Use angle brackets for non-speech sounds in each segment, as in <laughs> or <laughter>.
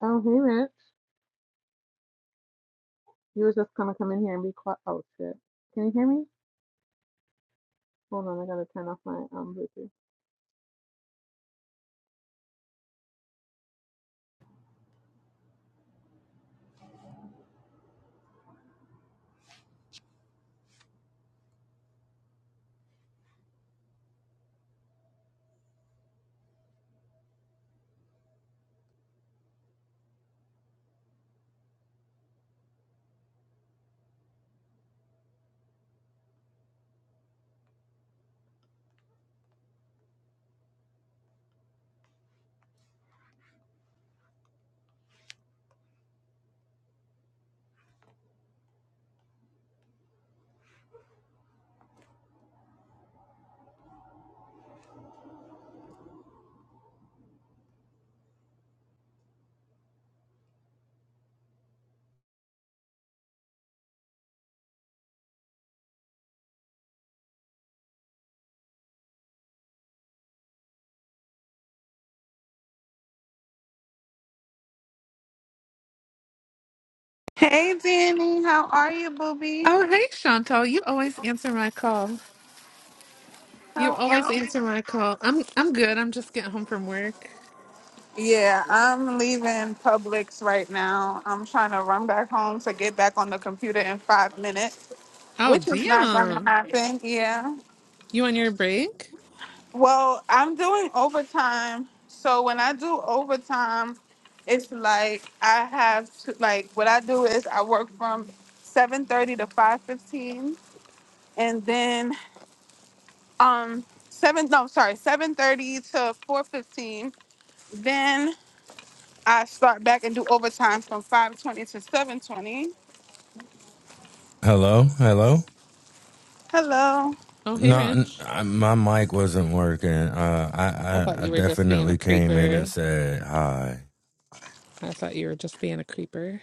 Oh, hey, Rich. You were just gonna come in here and be quiet. Oh, shit. Can you hear me? Hold on, I gotta turn off my um Bluetooth. Hey, Danny, how are you, booby? Oh, hey, Chantal. You always answer my call. You How always are you? answer my call. I'm I'm good. I'm just getting home from work. Yeah, I'm leaving Publix right now. I'm trying to run back home to get back on the computer in five minutes, Oh, which is not going to damn. happen. Yeah. You on your break? Well, I'm doing overtime. So when I do overtime, it's like I have to, like, what I do is I work from 7.30 to 5.15 and then um 7 no sorry 7.30 to 4.15 then I start back and do overtime from 520 to 720. Hello, hello. Hello. Oh, hey, No, n- Rich. I- my mic wasn't working. Uh, I I, thought I, I you were just being a definitely came in creeper. and said hi. I thought you were just being a creeper.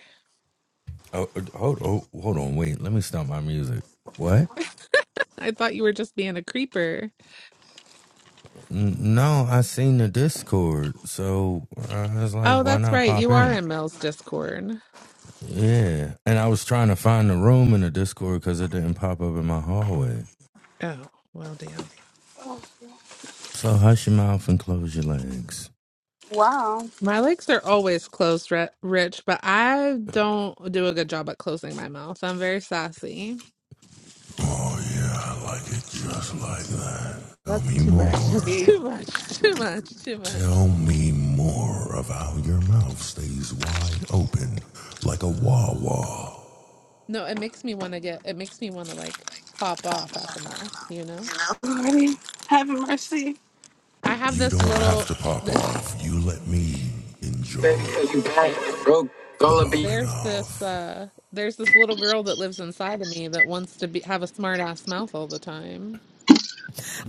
Oh, uh, hold, oh, hold on, wait. Let me stop my music. What? I thought you were just being a creeper. N- No, I seen the Discord, so I was like, Oh, why that's not right. pop You are in? in Mel's Discord. Yeah, and I was trying to find the room in the Discord because it didn't pop up in my hallway. Oh, well, damn. So hush your mouth and close your legs. Wow. My legs are always closed, Ri- Rich, but I don't do a good job at closing my mouth. I'm very sassy. Oh yeah, like it just like the That's too much. <laughs> door That's Jeez. too much. <laughs> Too much. Too much. means open. No, it makes me want to get, it makes me want to like pop off at the mouth, you know? Already have mercy. I have this little, th- Baby, Enjoy cause you bad. Broke, the gonna be. popping there's this, off. uh, there's this little girl that lives inside of me that wants to be, have a smart ass mouth all the time.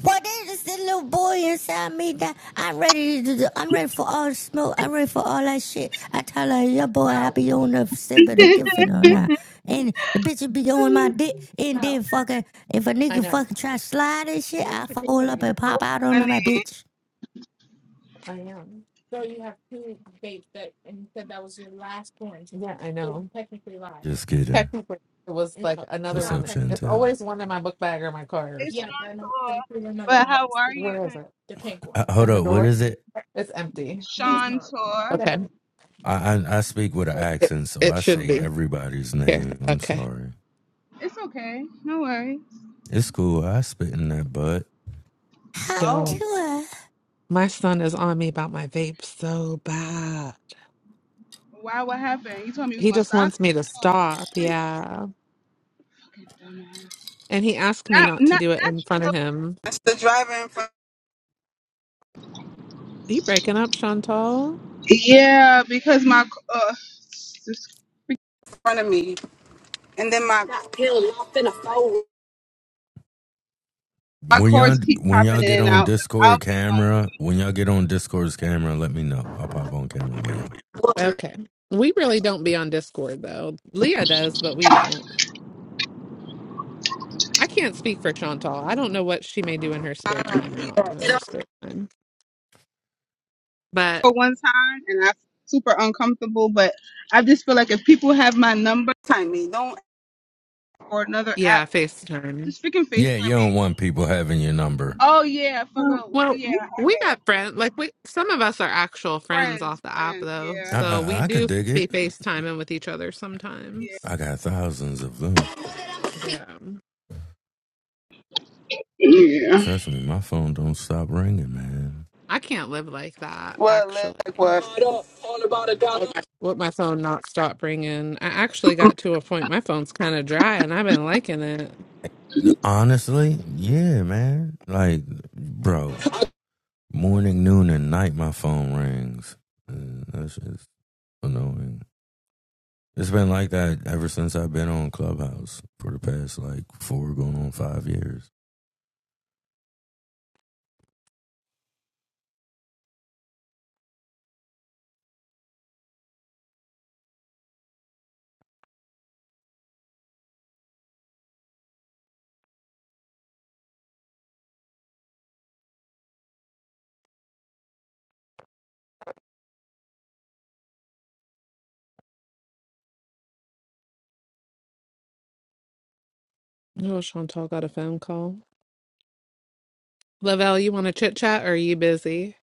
Boy, there's just this little boy inside me that I'm ready to do. The, I'm ready for all the smoke. I'm ready for all that shit. I tell her, your boy, I No, be on the <laughs> sipping or kiffing or not. And the bitch be on my dick. And then no. fucking, if a I nigga know. fucking try to slide and shit, I'm waiting I for Taylor fall to up get and here. pop out Honey, on my bitch. I am. Yeah, I It was know. Just kidding. Technically, it was like another What's one. up, It's It's Chantel? always one in my book bag or my car or it's something. Sean Tor. But how are you, Where is honey? it? Uh, hold In the up. What door? is it? It's empty. Sean Tor? Okay. I, I I speak with an like, It, accent, so it I should say be. everybody's Here. name. I'm Okay. sorry. It's okay. No worries. It's cool. I spit in that butt. Hot Oh, Yo, tour. my son is on me about my vape so bad. wow, what happened? You told me you was He gonna just stop? wants me to Oh, stop. shit. Yeah. Fucking dumbass. And he asked me Not, not to not, do it in front of not him. Are you breaking up, Chantal? you. Yeah, because my, uh, it's in front of me. And then my, my When cords y'all keep when popping y'all in get and on out. I'll Discord camera, when y'all get on Discord's camera, let me know. I'll pop on camera with y'all. Okay. We really don't be on Discord though. Leah does, but we don't. I can't speak for Chantal. I don't know what she may do in her spare be time or not do in her spare time. But for one time and I'm super uncomfortable, but I just feel like if people have my number, time me. Don't ask for another app. yeah, FaceTime. Just freaking Yeah, you FaceTime me. don't want people having your number. Oh yeah, fucking Well, yeah, I got we it. got friends. Like we, some of us are actual friends off Friends, the app friends, though, yeah. I so we I, I could do dig be it. FaceTiming with each other Yeah. sometimes. I got thousands of them. Yeah. Yeah. Um, Trust me, my phone don't stop ringing, man. I can't live like that, What actually. like what? With my phone not stop ringing, I actually got to a point my phone's kind of dry and I've been liking it. Honestly, yeah, man. Like, bro, morning, noon, and night, my phone rings. And that's just annoying. It's been like that ever since I've been on Clubhouse for the past like four going on five years. Oh, Chantal got a phone call. Lavelle, you want to chit chat or are you busy?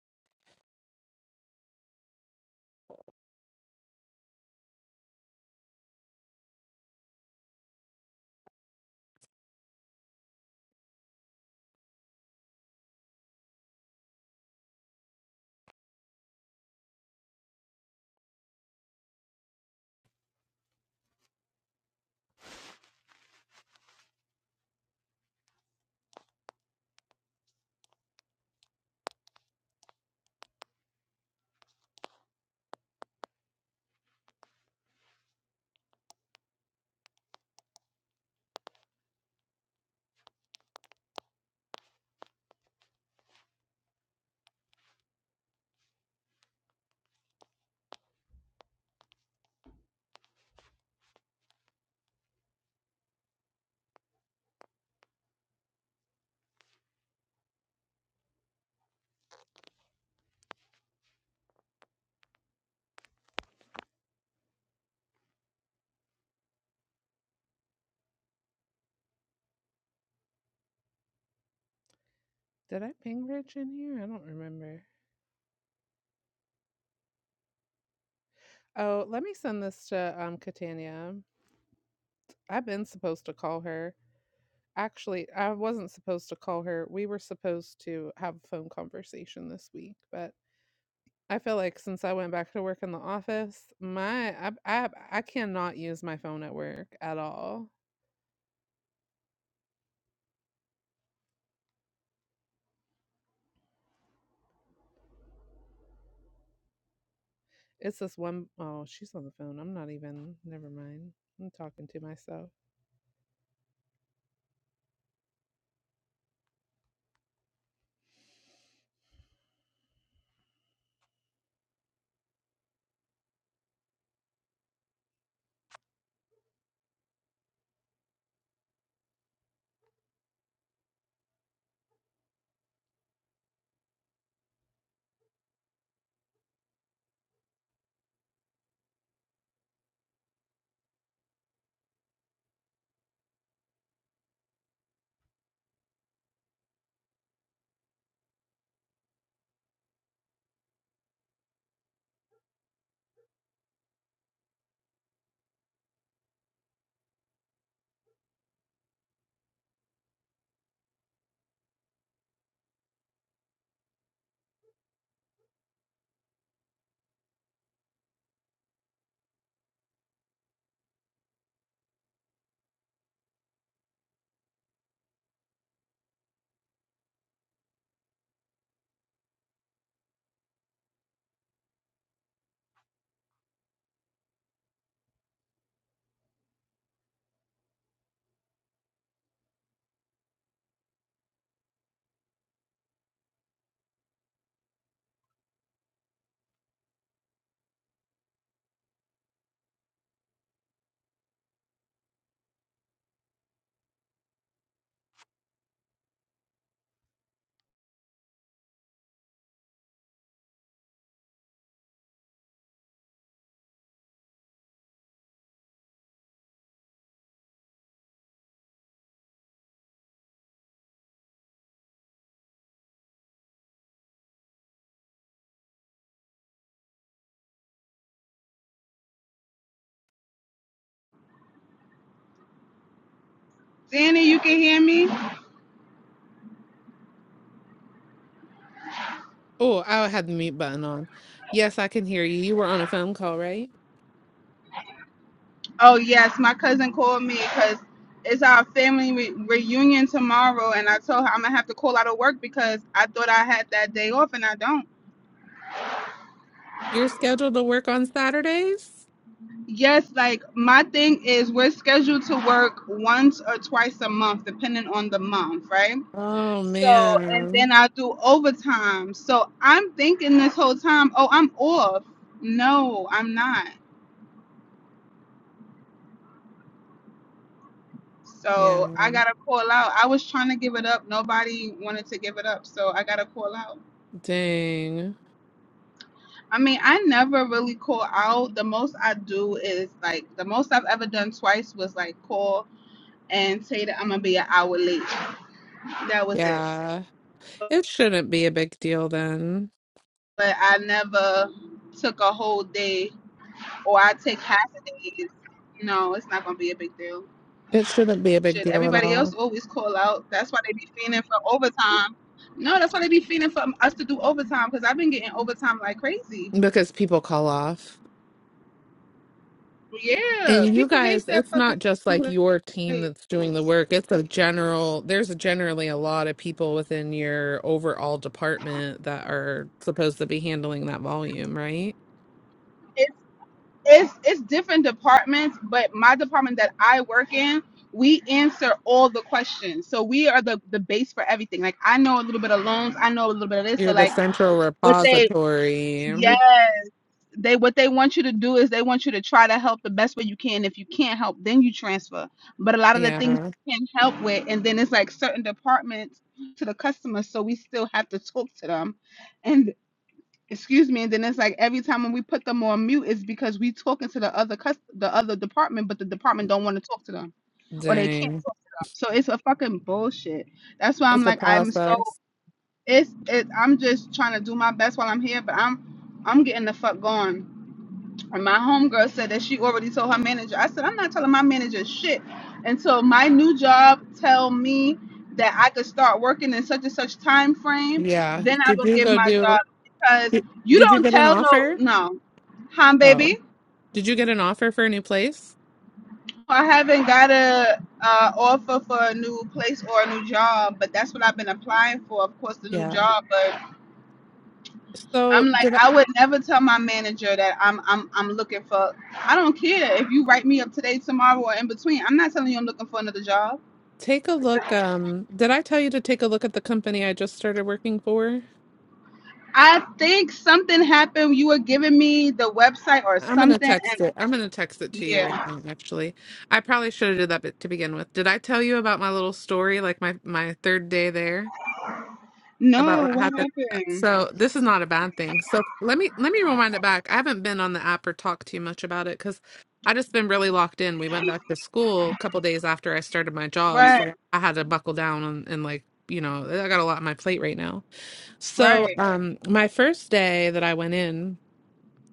Did I ping Rich in here? I don't remember. Oh, let me send this to um Catania. I've been supposed to call her. Actually, I wasn't supposed to call her. We were supposed to have a phone conversation this week, but I feel like since I went back to work in the office, my I I I cannot use my phone at work at all. It's this one oh, she's on the phone. I'm not even never mind. I'm talking to myself. Danny, you can hear me? Oh, I had the mute button on. Yes, I can hear you. You were on a phone call, right? Oh yes, my cousin called me because it's our family re- reunion tomorrow, and I told her I'm gonna have to call out of work because I thought I had that day off, and I don't. You're scheduled to work on Saturdays? Yes, like my thing is we're scheduled to work once or twice a month, depending on the month, right? Oh So, and then man. I do overtime. So I'm thinking this whole time, oh, I'm off. No, I'm not. Yeah. So I gotta call out. I was trying to give it up. Nobody wanted to give it up. So I gotta call out. Dang. I mean, I never really call out. The most I do is like the most I've ever done twice was like call and say that I'm gonna be an hour late. That was it. Yeah. It shouldn't be a big deal then. but I never took a whole day or I take half a day. No, it's not gonna be a big deal. It shouldn't be a big Shit, deal at everybody else all always call out. That's why they be fiending for overtime. No, that's why they be fiending for us to do overtime because I've been getting overtime like crazy. because people call off. And Yeah, you people hate guys, that it's fucking not just like your team place that's doing the it's work. It's a general, there's generally a lot of people within your overall department that are supposed to be handling that volume, right? it's it's different departments, but my department that I work in, we answer all the questions. So we are the the base for everything. Like I know a little bit of loans, I know a little bit of this. So You're the like central what they repository. yes they what they want you to do is they want you to try to help the best way you can if you can't help then you transfer but a lot of the things Yeah. you can help with and then it's like certain departments to the customer so we still have to talk to them and excuse me and then it's like every time when we put them on mute it's because we talking to the other cus- the other department but the department don't want to talk to them or they can't Dang. talk to them so it's a fucking bullshit that's why i'm It's a like i'm so process. it's it, I'm just trying to do my best while I'm here, but I'm I'm getting the fuck going. And my homegirl said that she already told her manager. I said I'm not telling my manager shit until my new job tell me that I could start working in such and such time frame. Yeah. Then I Did will you give go my job do, because did you did you don't get an tell no offer? no, huh, Oh, baby? did you get an offer for a new place? I haven't got a uh, offer for a new place or a new job, but that's what I've been applying for. Of course, the new Yeah. job, but So I'm did like, I? I would never tell my manager that I'm I'm I'm looking for. I don't care if you write me up today, tomorrow, or in between. I'm not telling you I'm looking for another job. Take a look. Um, did I tell you to take a look at the company I just started working for? I think something happened. You were giving me the website or I'm gonna something, and text it. I'm gonna text it to you right yeah. now, actually. I probably should have did that bit to begin with. Did I tell you about my little story, like my my third day there, about No, what what happened? happened? So this is not a bad thing. So let me let me rewind it back. I haven't been on the app or talked too much about it because I just been really locked in. We went back to school a couple days after I started my job, Right, so I had to buckle down and, and like you know I got a lot on my plate right now. So, right. um, my first day that I went in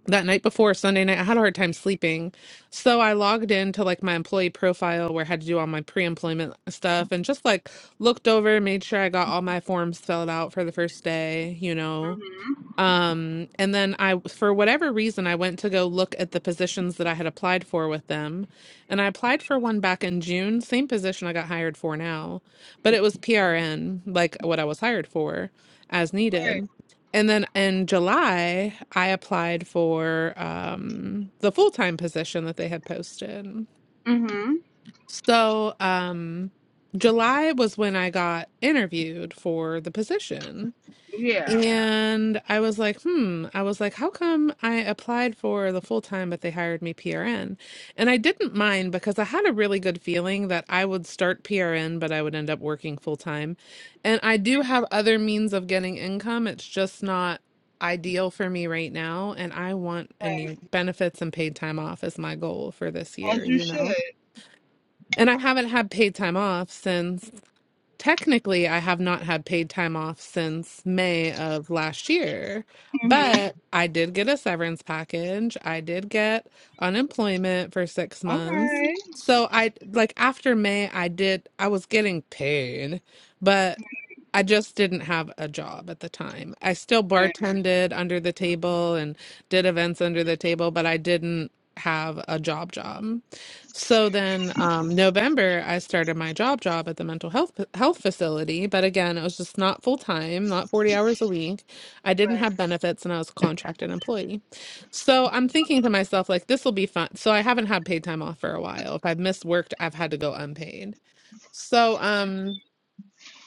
that night before Sunday night, I had a hard time sleeping. So I logged into like my employee profile where I had to do all my pre-employment stuff and just like looked over, made sure I got all my forms filled out for the first day, you know, Mhm. um, and then I, for whatever reason, I went to go look at the positions that I had applied for with them. And I applied for one back in June, same position I got hired for now, but it was PRN, like what I was hired for as Right. needed. And then in July, I applied for um, the full time position that they had posted. Mhm. So, um, July was when I got interviewed for the position. Yeah. And I was like, hmm. I was like, how come I applied for the full time, but they hired me PRN? And I didn't mind because I had a really good feeling that I would start PRN, but I would end up working full time. And I do have other means of getting income. It's just not ideal for me right now. And I want and Right. need benefits and paid time off as my goal for this year, As you you should. know? And I haven't had paid time off since Technically, I have not had paid time off since May of last year, Mhm. but I did get a severance package. I did get unemployment for six Okay. months. right. So I like after May, I did, I was getting paid, but I just didn't have a job at the time. I still Right. bartended under the table and did events under the table, but I didn't have a job job. So then, um, November, I started my job job at the mental health health facility, but again, it was just not full time, not 40 hours a week. I didn't Right. have benefits and I was a contracted employee. So I'm thinking to myself, like, this will be fun. So I haven't had paid time off for a while. If I've missed work, I've had to go unpaid. So, um,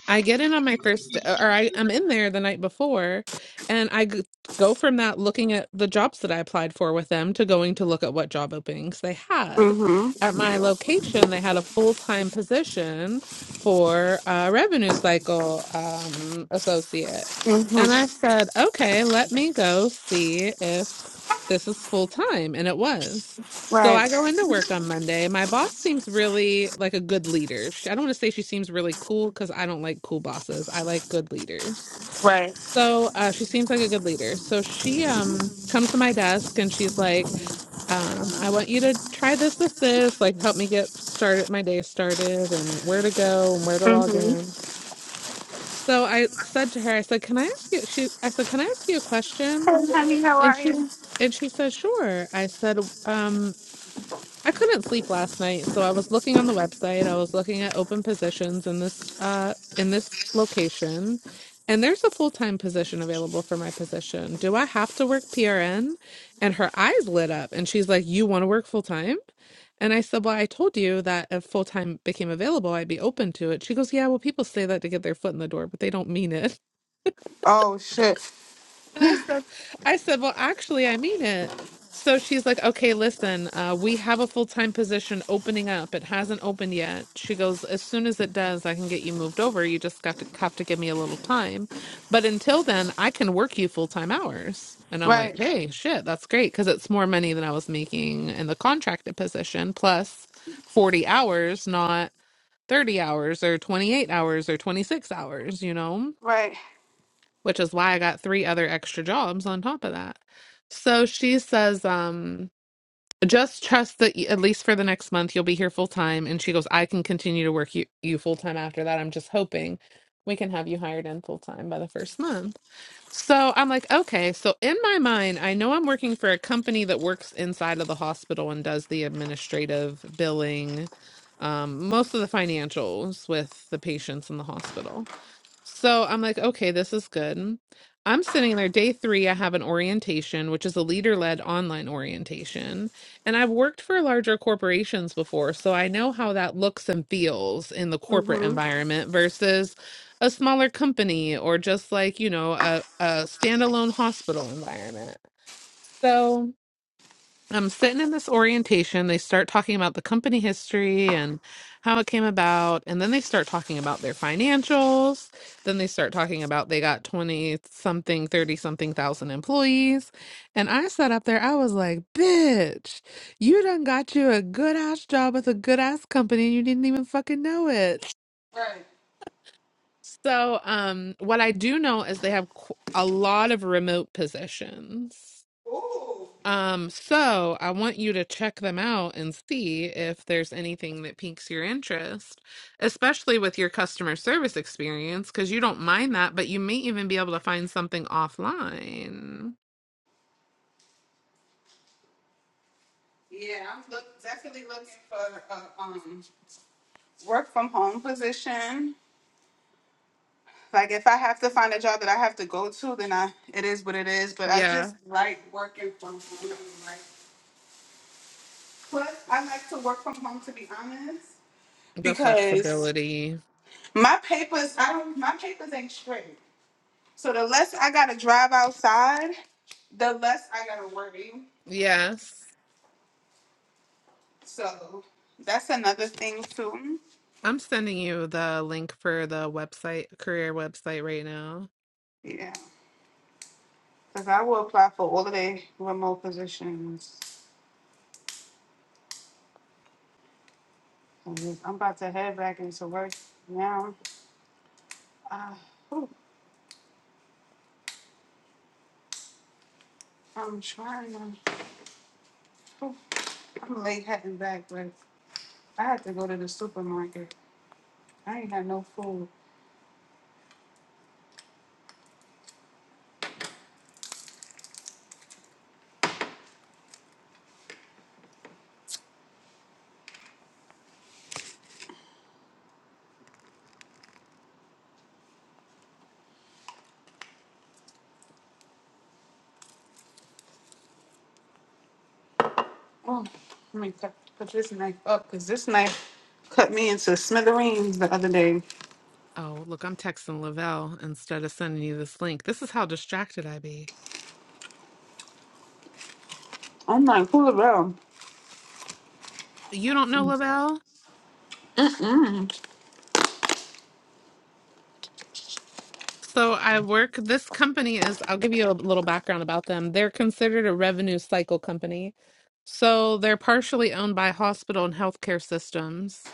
I get in on my first, uh, or I, I'm in there the night before, and I g- go from that looking at the jobs that I applied for with them to going to look at what job openings they had. Mm-hmm. At my location, they had a full time position for a revenue cycle um, associate. And Mm-hmm. I said, okay, let me go see if this is full time. And it was. So I Right. go into work on Monday. My boss seems really like a good leader. She- I don't want to say she seems really cool because I don't like cool bosses. I like good leaders. Right. So uh, she seems like a good leader. So she um comes to my desk and she's like, um, I want you to try this, this, this, like help me get started, my day started, and where to go and where to log in. So I said to her, I said, Can I ask you? She, I said, Can I ask you a question? Honey, how And are she's, you? and she said, Sure. I said, um, I couldn't sleep last night, so I was looking on the website. I was looking at open positions in this uh in this location, and there's a full-time position available for my position. Do I have to work PRN? And her eyes lit up and she's like, "You want to work full-time?" And I said, "Well, I told you that if full-time became available, I'd be open to it." She goes, "Yeah, well, people say that to get their foot in the door, but they don't mean it." Oh shit. And I said, I said, well, actually, I mean it. So she's like, okay, listen, uh, we have a full-time position opening up. It hasn't opened yet. She goes, as soon as it does, I can get you moved over. You just have to have to give me a little time. But until then, I can work you full-time hours. And I'm like, Right. hey, shit, that's great because it's more money than I was making in the contracted position, plus 40 hours, not 30 hours or 28 hours or 26 hours, you know? Right. which is why I got three other extra jobs on top of that. So she says, um, just trust that y- at least for the next month you'll be here full time. And she goes, I can continue to work you, you full time after that. I'm just hoping we can have you hired in full time by the first month. So I'm like, okay. So in my mind, I know I'm working for a company that works inside of the hospital and does the administrative billing, um, most of the financials with the patients in the hospital. So I'm like, okay, this is good. I'm sitting there day three. I have an orientation, which is a leader led online orientation. And I've worked for larger corporations before, so I know how that looks and feels in the corporate hmm environment versus a smaller company or just like, you know, a, a standalone hospital environment. So. I'm sitting in this orientation. They start talking about the company history and how it came about. And then they start talking about their financials. Then they start talking about they got 20 something, 30 something thousand employees. And I sat up there, I was like, bitch, you done got you a good ass job with a good ass company and you didn't even fucking know it. So, um, what I do know is they have qu- a lot of remote positions. Um, so I want you to check them out and see if there's anything that piques your interest, especially with your customer service experience, because you don't mind that, but you may even be able to find something offline. Yeah, I'm look, definitely looking for a um, work from home position. Like if I have to find a job that I have to go to, then I it is what it is. But I Yeah, just like working from home. Like, plus, I like to work from home to be honest, the because flexibility. my papers I don't my papers ain't straight. So the less I gotta drive outside, the less I gotta worry. Yes. So that's another thing too. I'm sending you the link for the website, career website right now. Yeah. Cause I will apply for all of the remote positions. And I'm about to head back into work now. Uh, whew, I'm trying. I'm, whew, I'm late heading back, but I had to go to the supermarket. I ain't got no food. Oh, let me cut, put this knife up, cause this knife cut me into smithereens the other day. Oh, look, I'm texting Lavelle instead of sending you this link. This is how distracted I be. I'm like, who the hell? You don't know Lavelle? Mm. So I work this company is I'll give you a little background about them. They're considered a revenue cycle company. So they're partially owned by hospital and healthcare systems.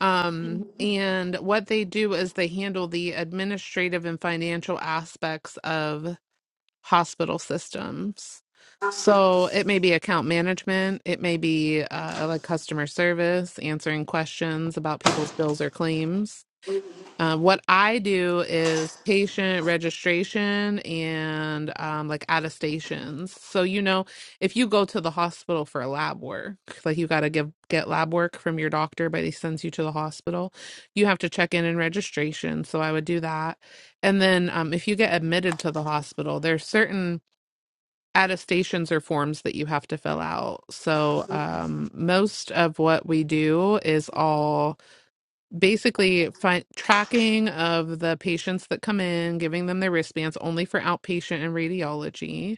Um, and what they do is they handle the administrative and financial aspects of hospital systems. So it may be account management, it may be uh, like customer service, answering questions about people's bills or claims um, what I do is patient registration and um, like attestations. So you know, if you go to the hospital for lab work, like you got to give get lab work from your doctor, but he sends you to the hospital, you have to check in and registration. So I would do that, and then um, if you get admitted to the hospital, there's certain attestations or forms that you have to fill out. So um, most of what we do is all basically fi- tracking of the patients that come in, giving them their wristbands only for outpatient and radiology.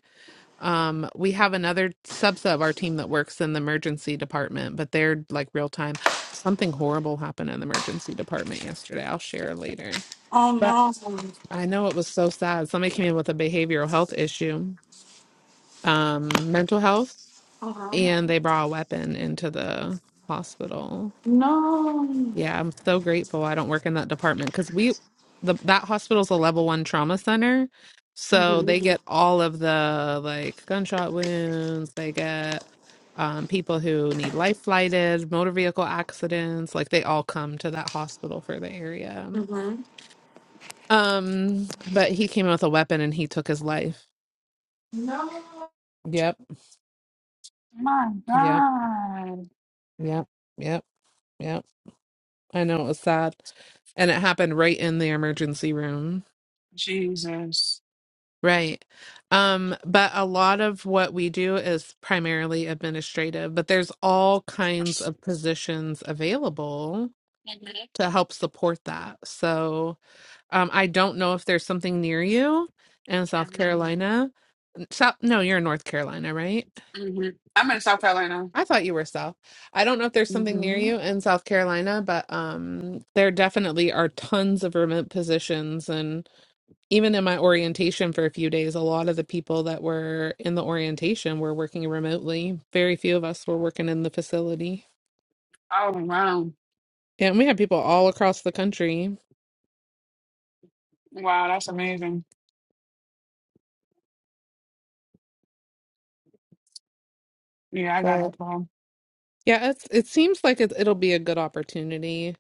Um, we have another subset of our team that works in the emergency department, but they're like real time. Something horrible happened in the emergency department yesterday. I'll share later. Oh But no. I know it was so sad. Somebody came in with a behavioral health issue, um, mental health, Uh huh. and they brought a weapon into the hospital No. Yeah, I'm so grateful I don't work in that department because we the that hospital's a level one trauma center. So Mhm. they get all of the like gunshot wounds, they get um people who need life flighted, motor vehicle accidents, like they all come to that hospital for the area. Mhm. Um, but he came in with a weapon and he took his life. No. Yep, My yep, God. yep, yep, yep. I know it was sad. And it happened right in the emergency room. Jesus. Right. Um, but a lot of what we do is primarily administrative, but there's all kinds of positions available hmm to help support that. So, um, I don't know if there's something near you in South Carolina. South, no, you're in North Carolina, right? I'm in South Carolina. I thought you were South. I don't know if there's something near hmm you in South Carolina, but um, there definitely are tons of remote positions even in my orientation for a few days, a lot of the people that were in the orientation were working remotely. Very few of us were working in the facility. Yeah, and we had people all across the country. Yeah, it's, it seems like it, it'll be a good opportunity.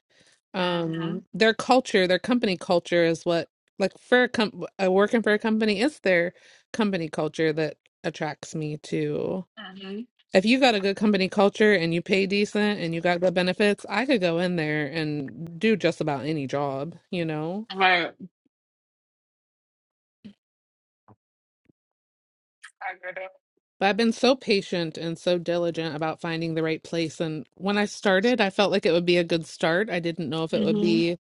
Um, their culture, their company culture is what, like for a com- uh, working for a company, it's their company culture that attracts me to. If you got a good company culture and you pay decent and you got good benefits, I could go in there and do just about any job, you know? Right. I get But I've been so patient and so diligent about finding the right place. And when I started, I felt like it would be a good start. I didn't know if it it. would hmm be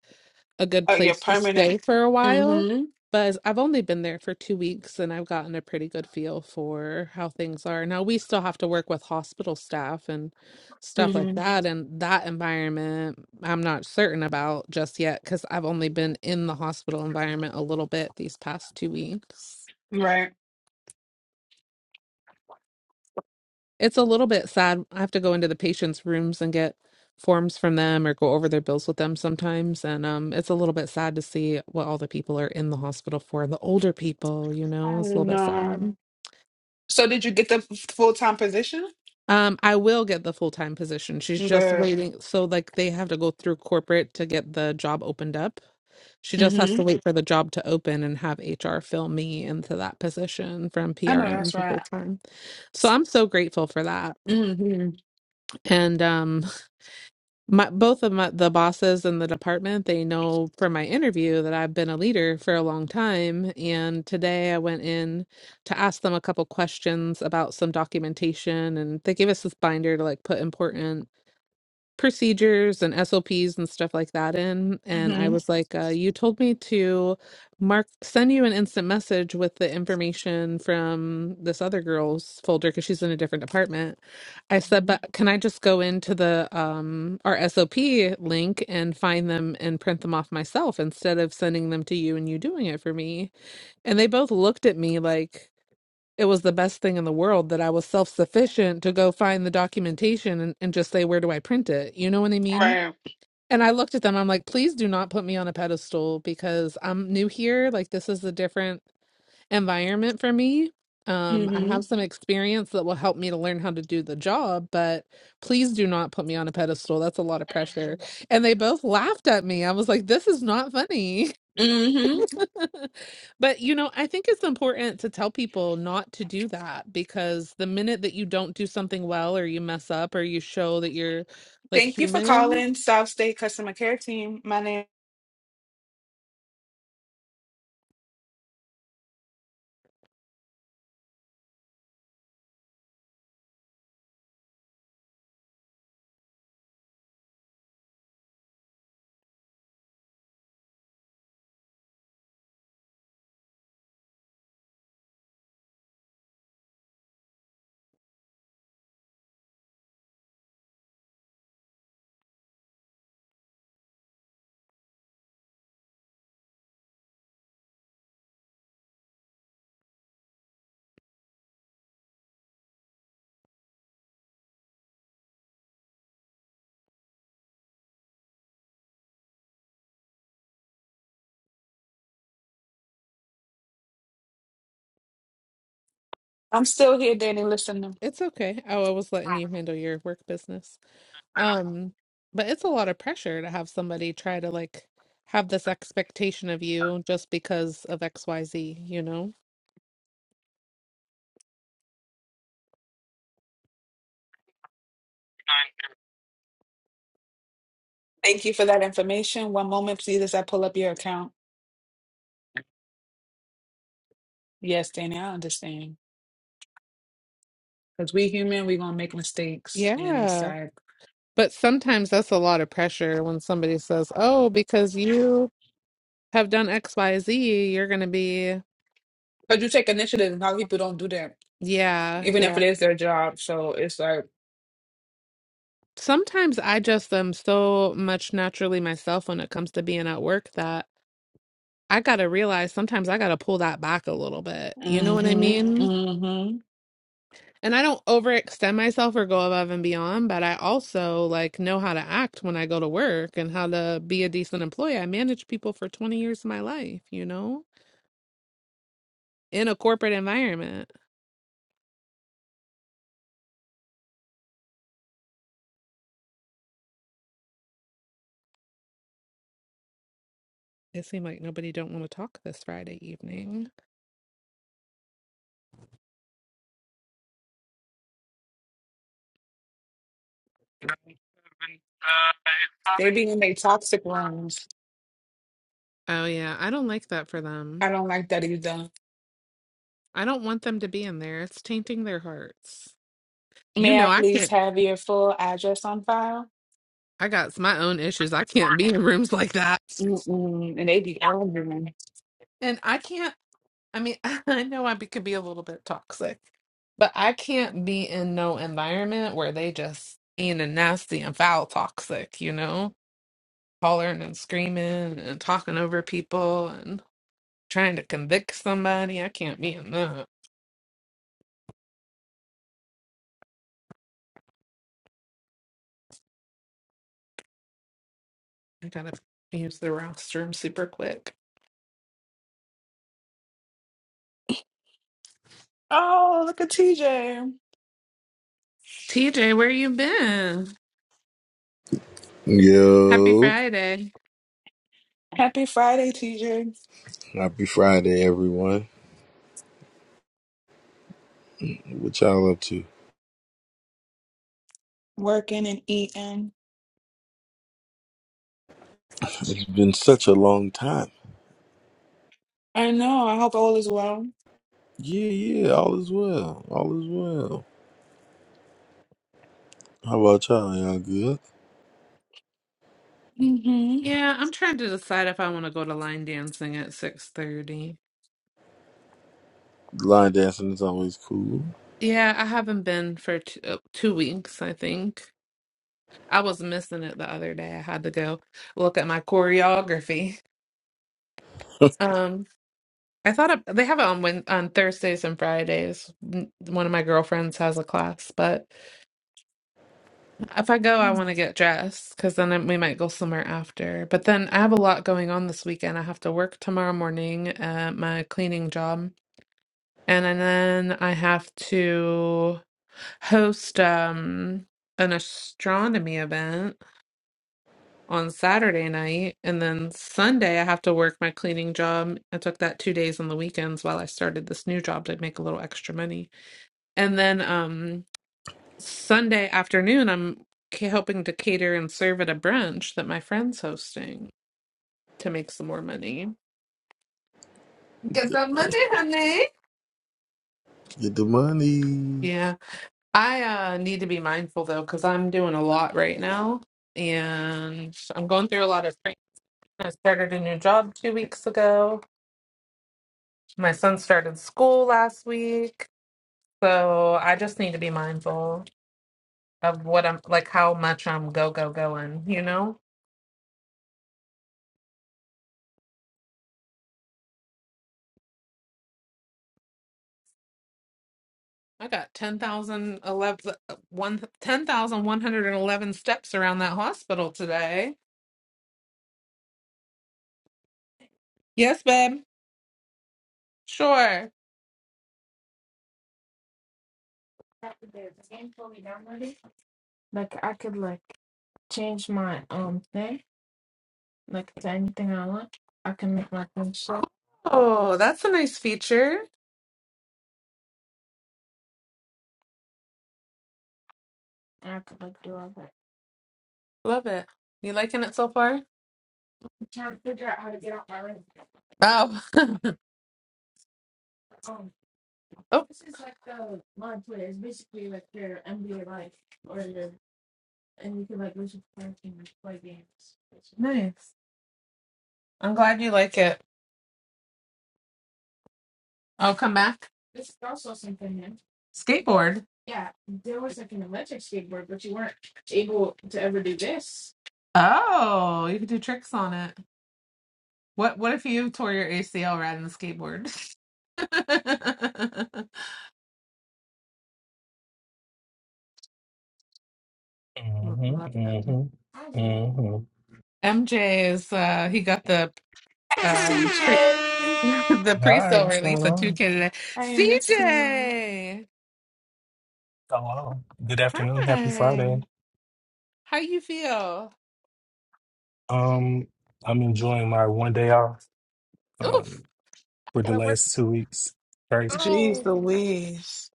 a good Oh, yeah, place to stay permanent. for a while. hmm But I've only been there for two weeks and I've gotten a pretty good feel for how things are. Now, we still have to work with hospital staff and stuff like hmm that. And that environment, I'm not certain about just yet because I've only been in the hospital environment a little bit these past two weeks. Right. It's a little bit sad. I have to go into the patients' rooms and get forms from them or go over their bills with them sometimes. And um, it's a little bit sad to see what all the people are in the hospital for. The older people, you know, it's a little bit sad. So the Um, I will get the full time position. She's just good. waiting. So, like, they have to go through corporate to get the job opened up. She just has hmm to wait for the job to open and have HR fill me into that position from I know PRM that's to full right. time. So, I'm so grateful for that. hmm hmm And um, my both of my the bosses in the department they know from my interview that I've been a leader for a long time and today I went in to ask them a couple questions about some documentation and they gave us this binder to like put important procedures and SOPs and stuff like that in. And I was like, uh, you told me to mark send you an instant message with the information from this other girl's folder because she's in a different department. I said, but can I just go into the um our SOP link and find them and print them off myself instead of sending them to you and you doing it for me? And they both looked at me like it was the best thing in the world that I was self sufficient to go find the documentation and, and just say, where do I print it? You know what I mean? Right. And I looked at them, I'm like, please do not put me on a pedestal because I'm new here. Like, this is a different environment for me. Um, I hmm have some experience that will help me to learn how to do the job, but please do not put me on a pedestal. That's a lot of pressure. And they both laughed at me. I was like, this is not funny. hmm <laughs> But you know, I think it's important to tell people not to do that because the minute that you don't do something well or you mess up or you show that you're like Thank you for human, calling South State Customer Care Team. My name. I'm still here, Danny. Listen. it's okay. Oh, I was letting you handle your work business. Um, but it's a lot of pressure to have somebody try to like have this expectation of you just because of XYZ, you know? Thank you for that information. One moment, please, as I pull up your account. Yes, Danny, I understand. Because we human, we gonna make mistakes, and it's Yeah. like But sometimes that's a lot of pressure when somebody says, "Oh, because you have done XYZ, you're going to be because you take initiative, and a lot of people don't do that, Yeah, even if yeah. it is their job. So it's like, Sometimes I just am so much naturally myself when it comes to being at work that I gotta realize sometimes I gotta pull that back a little bit. You know what I mm-hmm, mean? mm-hmm. And I don't overextend myself or go above and beyond, but I also like know how to act when I go to work and how to be a decent employee. I managed people for 20 years of my life, you know? in a corporate environment. It seemed like nobody don't want to talk this Friday evening. They be in their toxic rooms. Oh yeah, I don't like that for I them. don't like that either. I don't want them to be in there. It's tainting their hearts. You May I know, I please can't. have your full address on file? I got my own issues. I can't be in rooms like that, Mm-mm. And they be arguing. and I can't. I mean, <laughs> I know I be, could be a little bit toxic, but I can't be in no environment where they just being a nasty and foul toxic, you know, hollering and screaming and talking over people and trying to convict somebody. I can't be in that. I gotta use the restroom super quick. Oh, look at TJ. TJ, where you been? Happy Yo, Friday. Happy Friday, TJ. happy Friday, everyone. What y'all up to? Working and eating. It's been such a long time. I know. I hope all is well. Yeah, yeah, all is well. All is well. How about y'all? Y'all good? Mm-hmm. Yeah, I'm trying to decide if I want to go to line dancing at 6:30. Line dancing is always cool. Yeah, I haven't been for two, two weeks, I think. I was missing it the other day. I had to go look at my choreography. Um, I thought of, they have it on Wed- on Thursdays and Fridays. N- One of my girlfriends has a class, but if I go, I want to get dressed because then I- we might go somewhere after. But then I have a lot going on this weekend. I have to work tomorrow morning at my cleaning job, and, then I have to host um an astronomy event on Saturday night. And then Sunday, I have to work my cleaning job. I took that two days on the weekends while I started this new job to make a little extra money. And then um, Sunday afternoon, I'm ca- helping to cater and serve at a brunch that my friend's hosting to make some more money. Get that money, honey. Get the money. Yeah. I uh, need to be mindful though, because I'm doing a lot right now. And I'm going through a lot of training. I started a new job two weeks ago My son started school last week, so I just need to be mindful of what I'm like, how much I'm go go going. You know, I got ten thousand eleven one ten thousand one hundred and eleven steps around that hospital today. Yes, babe. Sure. Oh, that's a nice feature. Love it. You liking it so far? Oh. <laughs> oh. And you can like listen to quarantine and play games. Nice. I'm glad you like it. I'll come back. Skateboard. Oh, you could do tricks on it. What what if you tore your ACL riding the skateboard? <laughs> Mm-hmm, Love that. mm-hmm, mm-hmm. MJ is uh he got the Hey, um pre- CJ. <laughs> the Hi, pre-sale what's release going of 2K on? today. I miss you. CJ. Hello. Good afternoon. Happy Hi. Friday. How you feel? Um, I'm enjoying my one day off Oof. um, for the last two weeks. Crazy. Jeez Oh. Louise.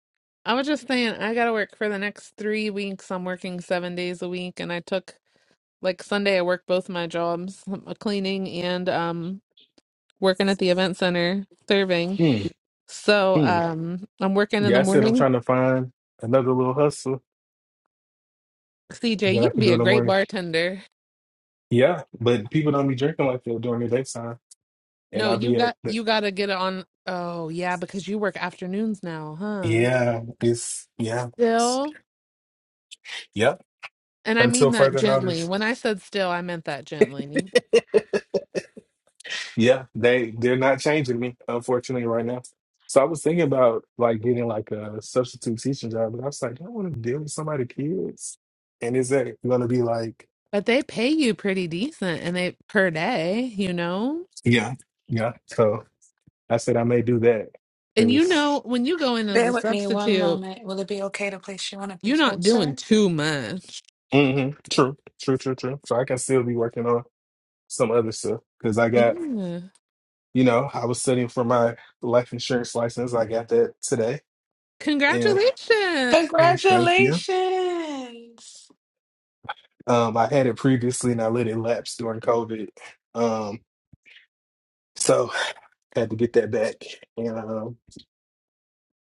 I was just saying I gotta work for the next three weeks. I'm working seven days a week and I took like Sunday I worked both my jobs, <laughs> cleaning and um working at the event center serving. Mm, So mm. um I'm working in the Yeah, I said I'm morning. trying to find another little hustle CJ, that I you'd could be do a in the great morning. bartender. Yeah, but people don't be drinking like that during the daytime, and No, I'll you be at got the, you gotta get it on oh yeah, because you work afternoons now, huh? yeah, it's yeah, it's, Still? yep. And I Until mean that further gently. notice. When I said still, I meant that gently. Yeah, they they're not changing me, unfortunately, right now. So I was thinking about like getting like a substitute teaching job, but I was like, do I don't want to deal with somebody's kids. And is that gonna be like, But they pay you pretty decent and they per day, you know? yeah, yeah? So I said I may do that And you because know, when you go in as Bear a with me one substitute, moment. Will it be okay to place you on a you're brief not hold, doing sir? too much. hmm true, true, true, true. So I can still be working on some other stuff because I got, Yeah. you know, I was studying for my life insurance license. I got that today, and Congratulations. <laughs> thank you. Congratulations! Um, I had it previously and I let it lapse during COVID. Um, so <sighs> had to get that back. And um,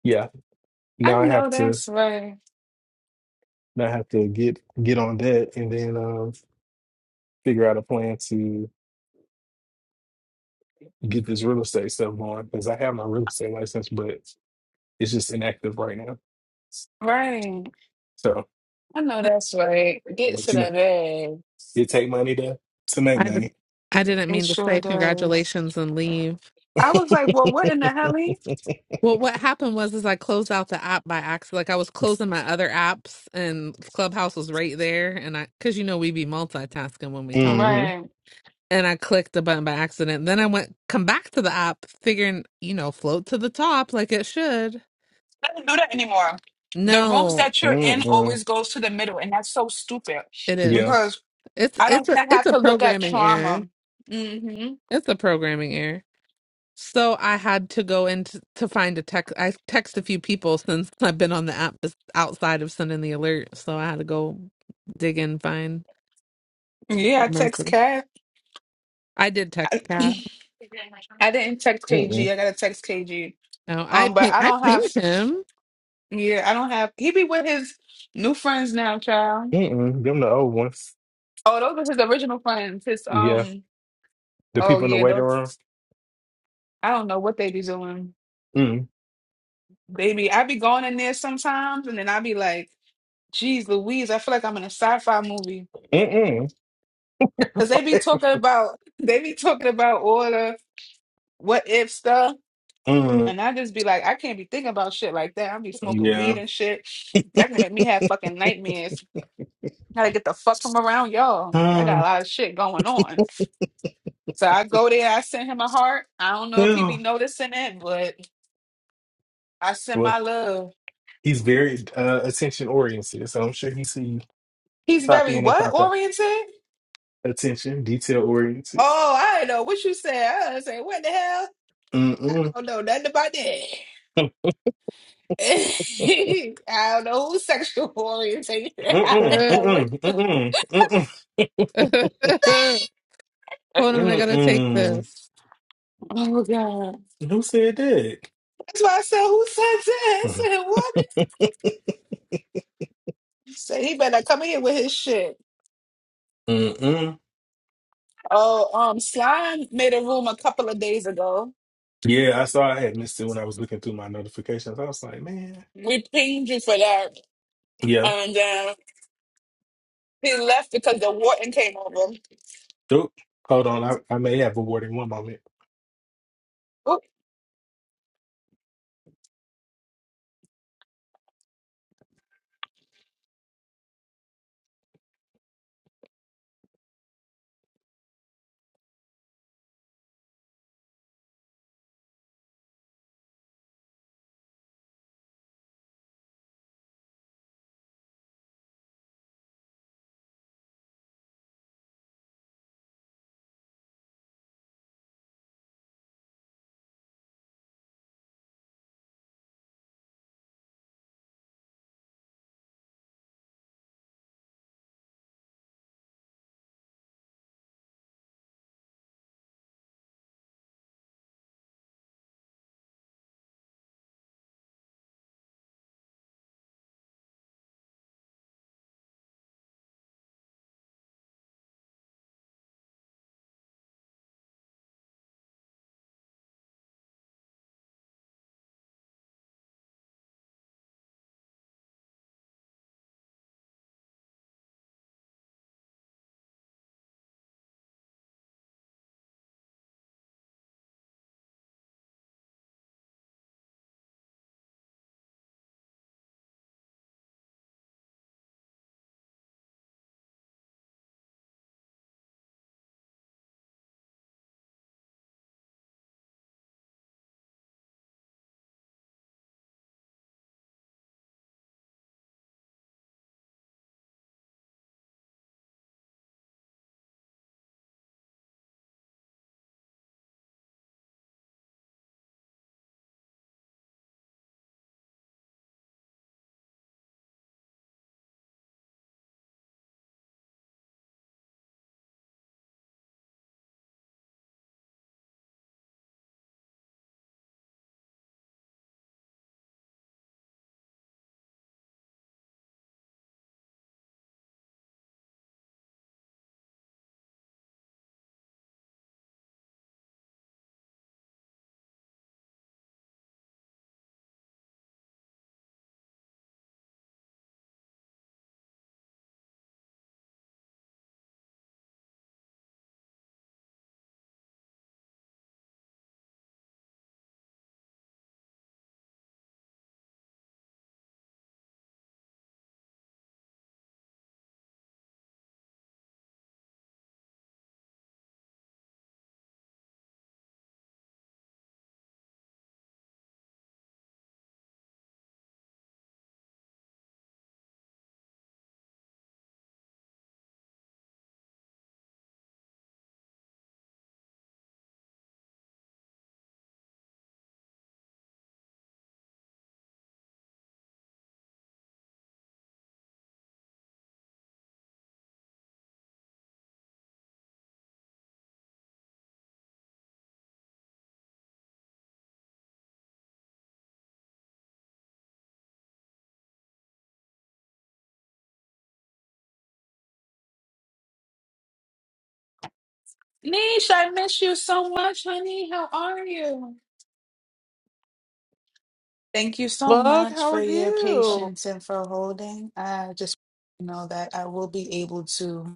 yeah, I now I have know to that's right. now I have to get get on that and then um, figure out a plan to get this real estate stuff going because I have my real estate license, but it's just inactive right now. Right. So, I know that's right. Gets but to you know, the bag. it take money to to make I just, money. I didn't It mean to sure say does. congratulations and leave. I was like, well, what in the <laughs> hell? eh? Well, what happened was is I closed out the app by accident. Like I was closing my other apps and Clubhouse was right there and I cuz you know we be multitasking when we talk. hmm Right. And I clicked the button by accident. Then I went come back to the app figuring, you know, float to the top like it should. I don't do that anymore. The rooms No, that you're in Mm-mm. always goes to the middle, and that's so stupid it is. Yeah. because It's I it's don't a wanna it's have a to look at programming error. trauma. hmm It's a programming error. So I had to go into to find a text. I text a few people since <laughs> I've been on the app that's outside of sending the alert. So I had to go dig in, find. Yeah, I a text message. Kat. I did text Cat. I didn't text Mm-mm. KG. I gotta text KG. No, I Um, but ping, I I don't have. pinged him. Yeah, I don't have. He be with his new friends now, child. Mm-mm. Them the old ones. Oh, those are his original friends. His Yeah. um. The Oh people in the yeah, waiting those. room. I don't know what they be doing. Mm. Baby, I be going in there sometimes, and then I be like, "Geez, Louise, I feel like I'm in a sci-fi movie." Mm-mm. Cause they be talking about <laughs> they be talking about all the what if stuff, Mm. and I just be like, I can't be thinking about shit like that. I be smoking Yeah. weed and shit. That can make me have fucking nightmares. Gotta get the fuck from around y'all. I got a Mm. lot of shit going on. So I go there, I send him a heart. I don't know if he be Ew. noticing it, but I send Well, my love. he's very uh, attention oriented, so I'm sure he see He's pop very in and what pop out. oriented? Attention, detail oriented. Oh, I don't know what you said. I was saying, what the hell? I Mm-mm. don't know nothing about that. <laughs> I don't know who's sexual orientation. <laughs> I <laughs> Mm-mm. don't Hold know what. <laughs> Mm-mm. Mm-mm. on, I Mm-mm. gotta take Mm-mm. this. Oh God! Who said that? That's why I said, who said that? I <laughs> said, <laughs> what? So he better come in here with his shit. Mm. Mm-mm. Oh, um, Slime made a room a couple of days ago Yeah, I saw I had missed it when I was looking through my notifications. I was like, man. We pinged you for that. Yeah. And uh, he left because the Wharton came over. Oop. Hold on. I, I may have a warning one moment. Oh, Nish, I miss you so much, honey. How are you? Thank you so Love, much how for are your you? patience and for holding. I just know that I will be able to.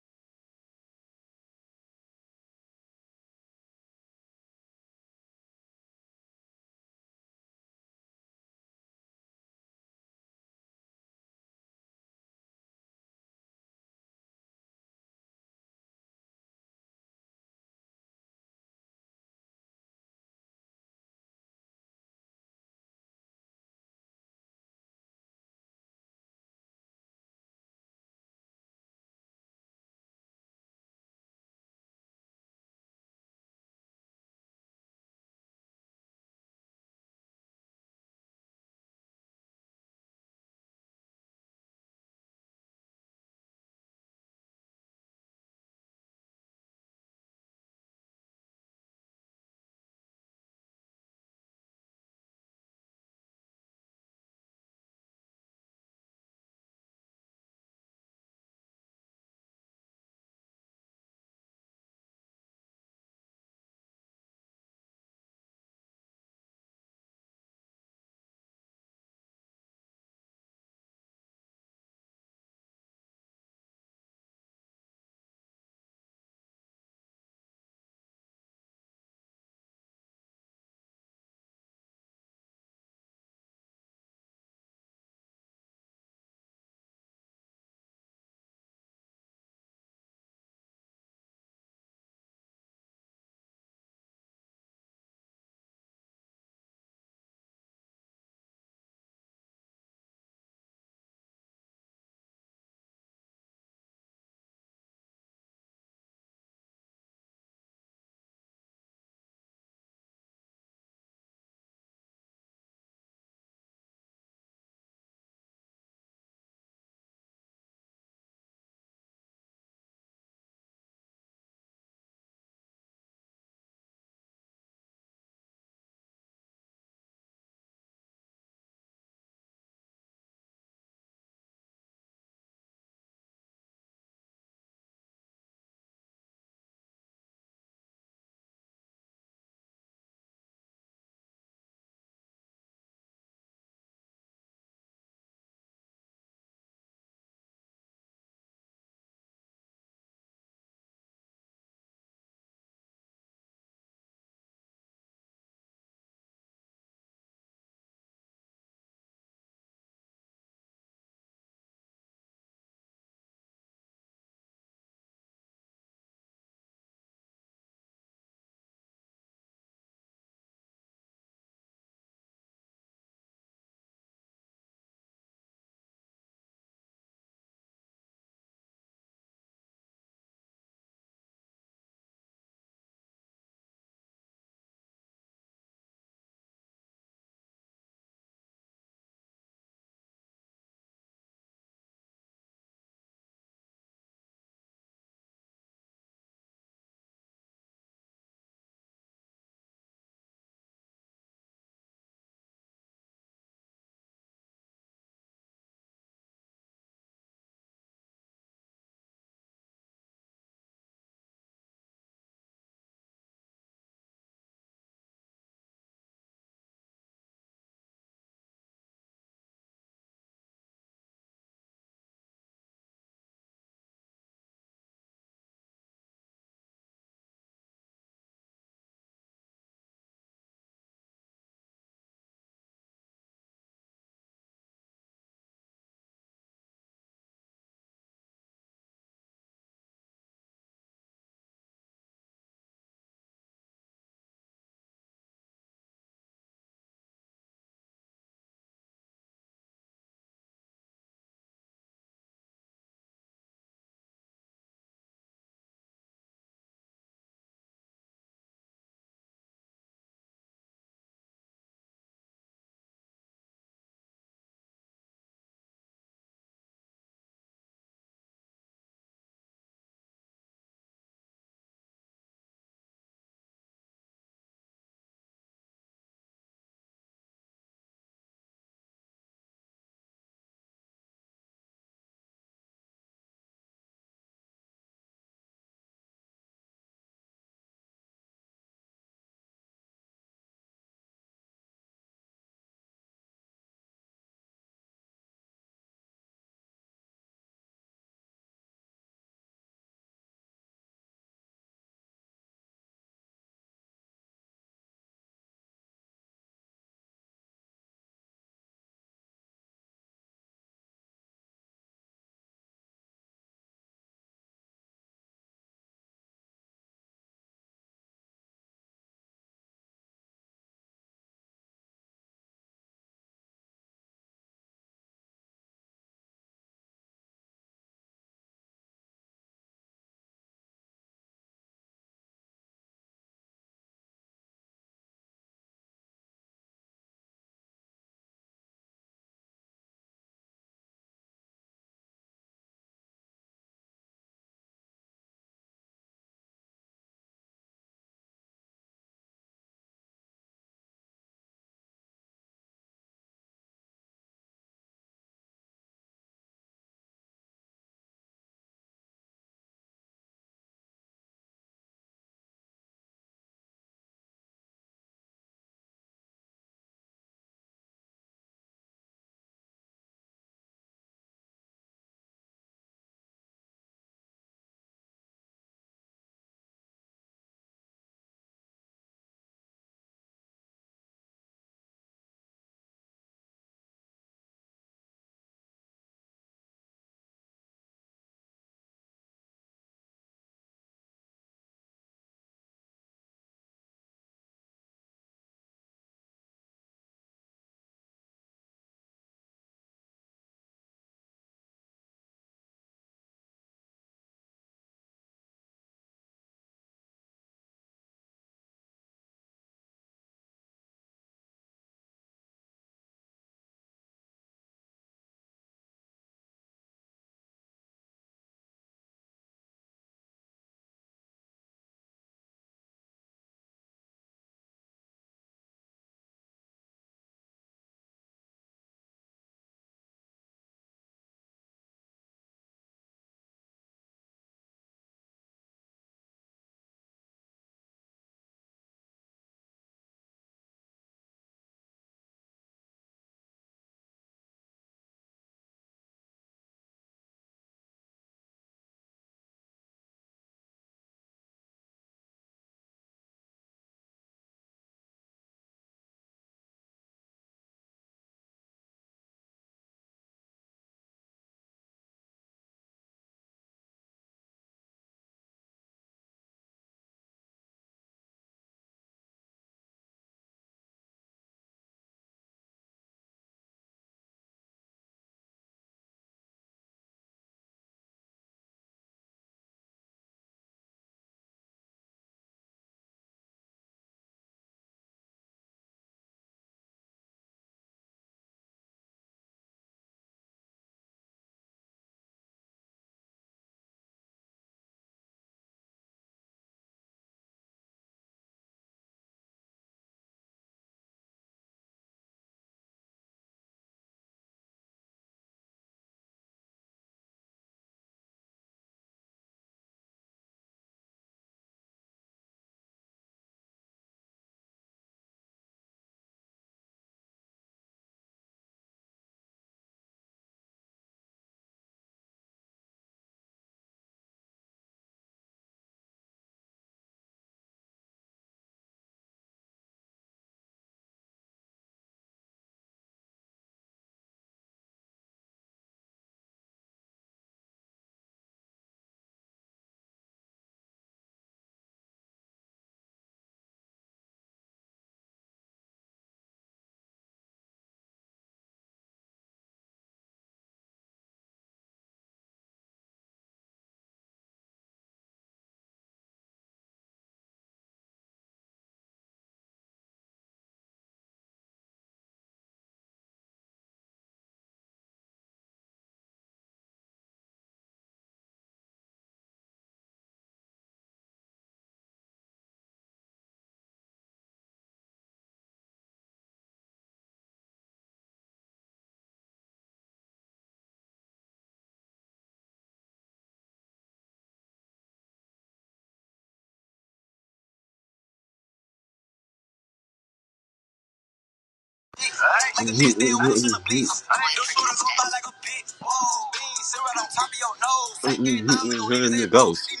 Like a bitch, they always in the beats. Those shooters on by like a bitch. Whoa, beans, syrup on top of your nose. I get down, we gon' eat it, they ghost. Playing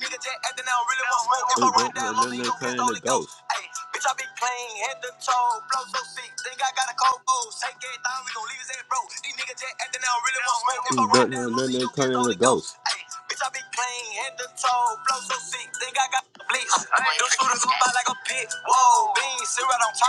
the ghost. Ayy, Bitch, I be playing head to toe, blow so sick, think I got a cold booze. Take it down, we gon' leave his ass broke. These niggas just acting out, really want smoke. If I run down, Lucy, you can only ghost. Ayy, bitch, I be playing head to toe, blow so sick, think I got a blitz. Those shooters gon' buy like a pit. Whoa, beans, syrup on top.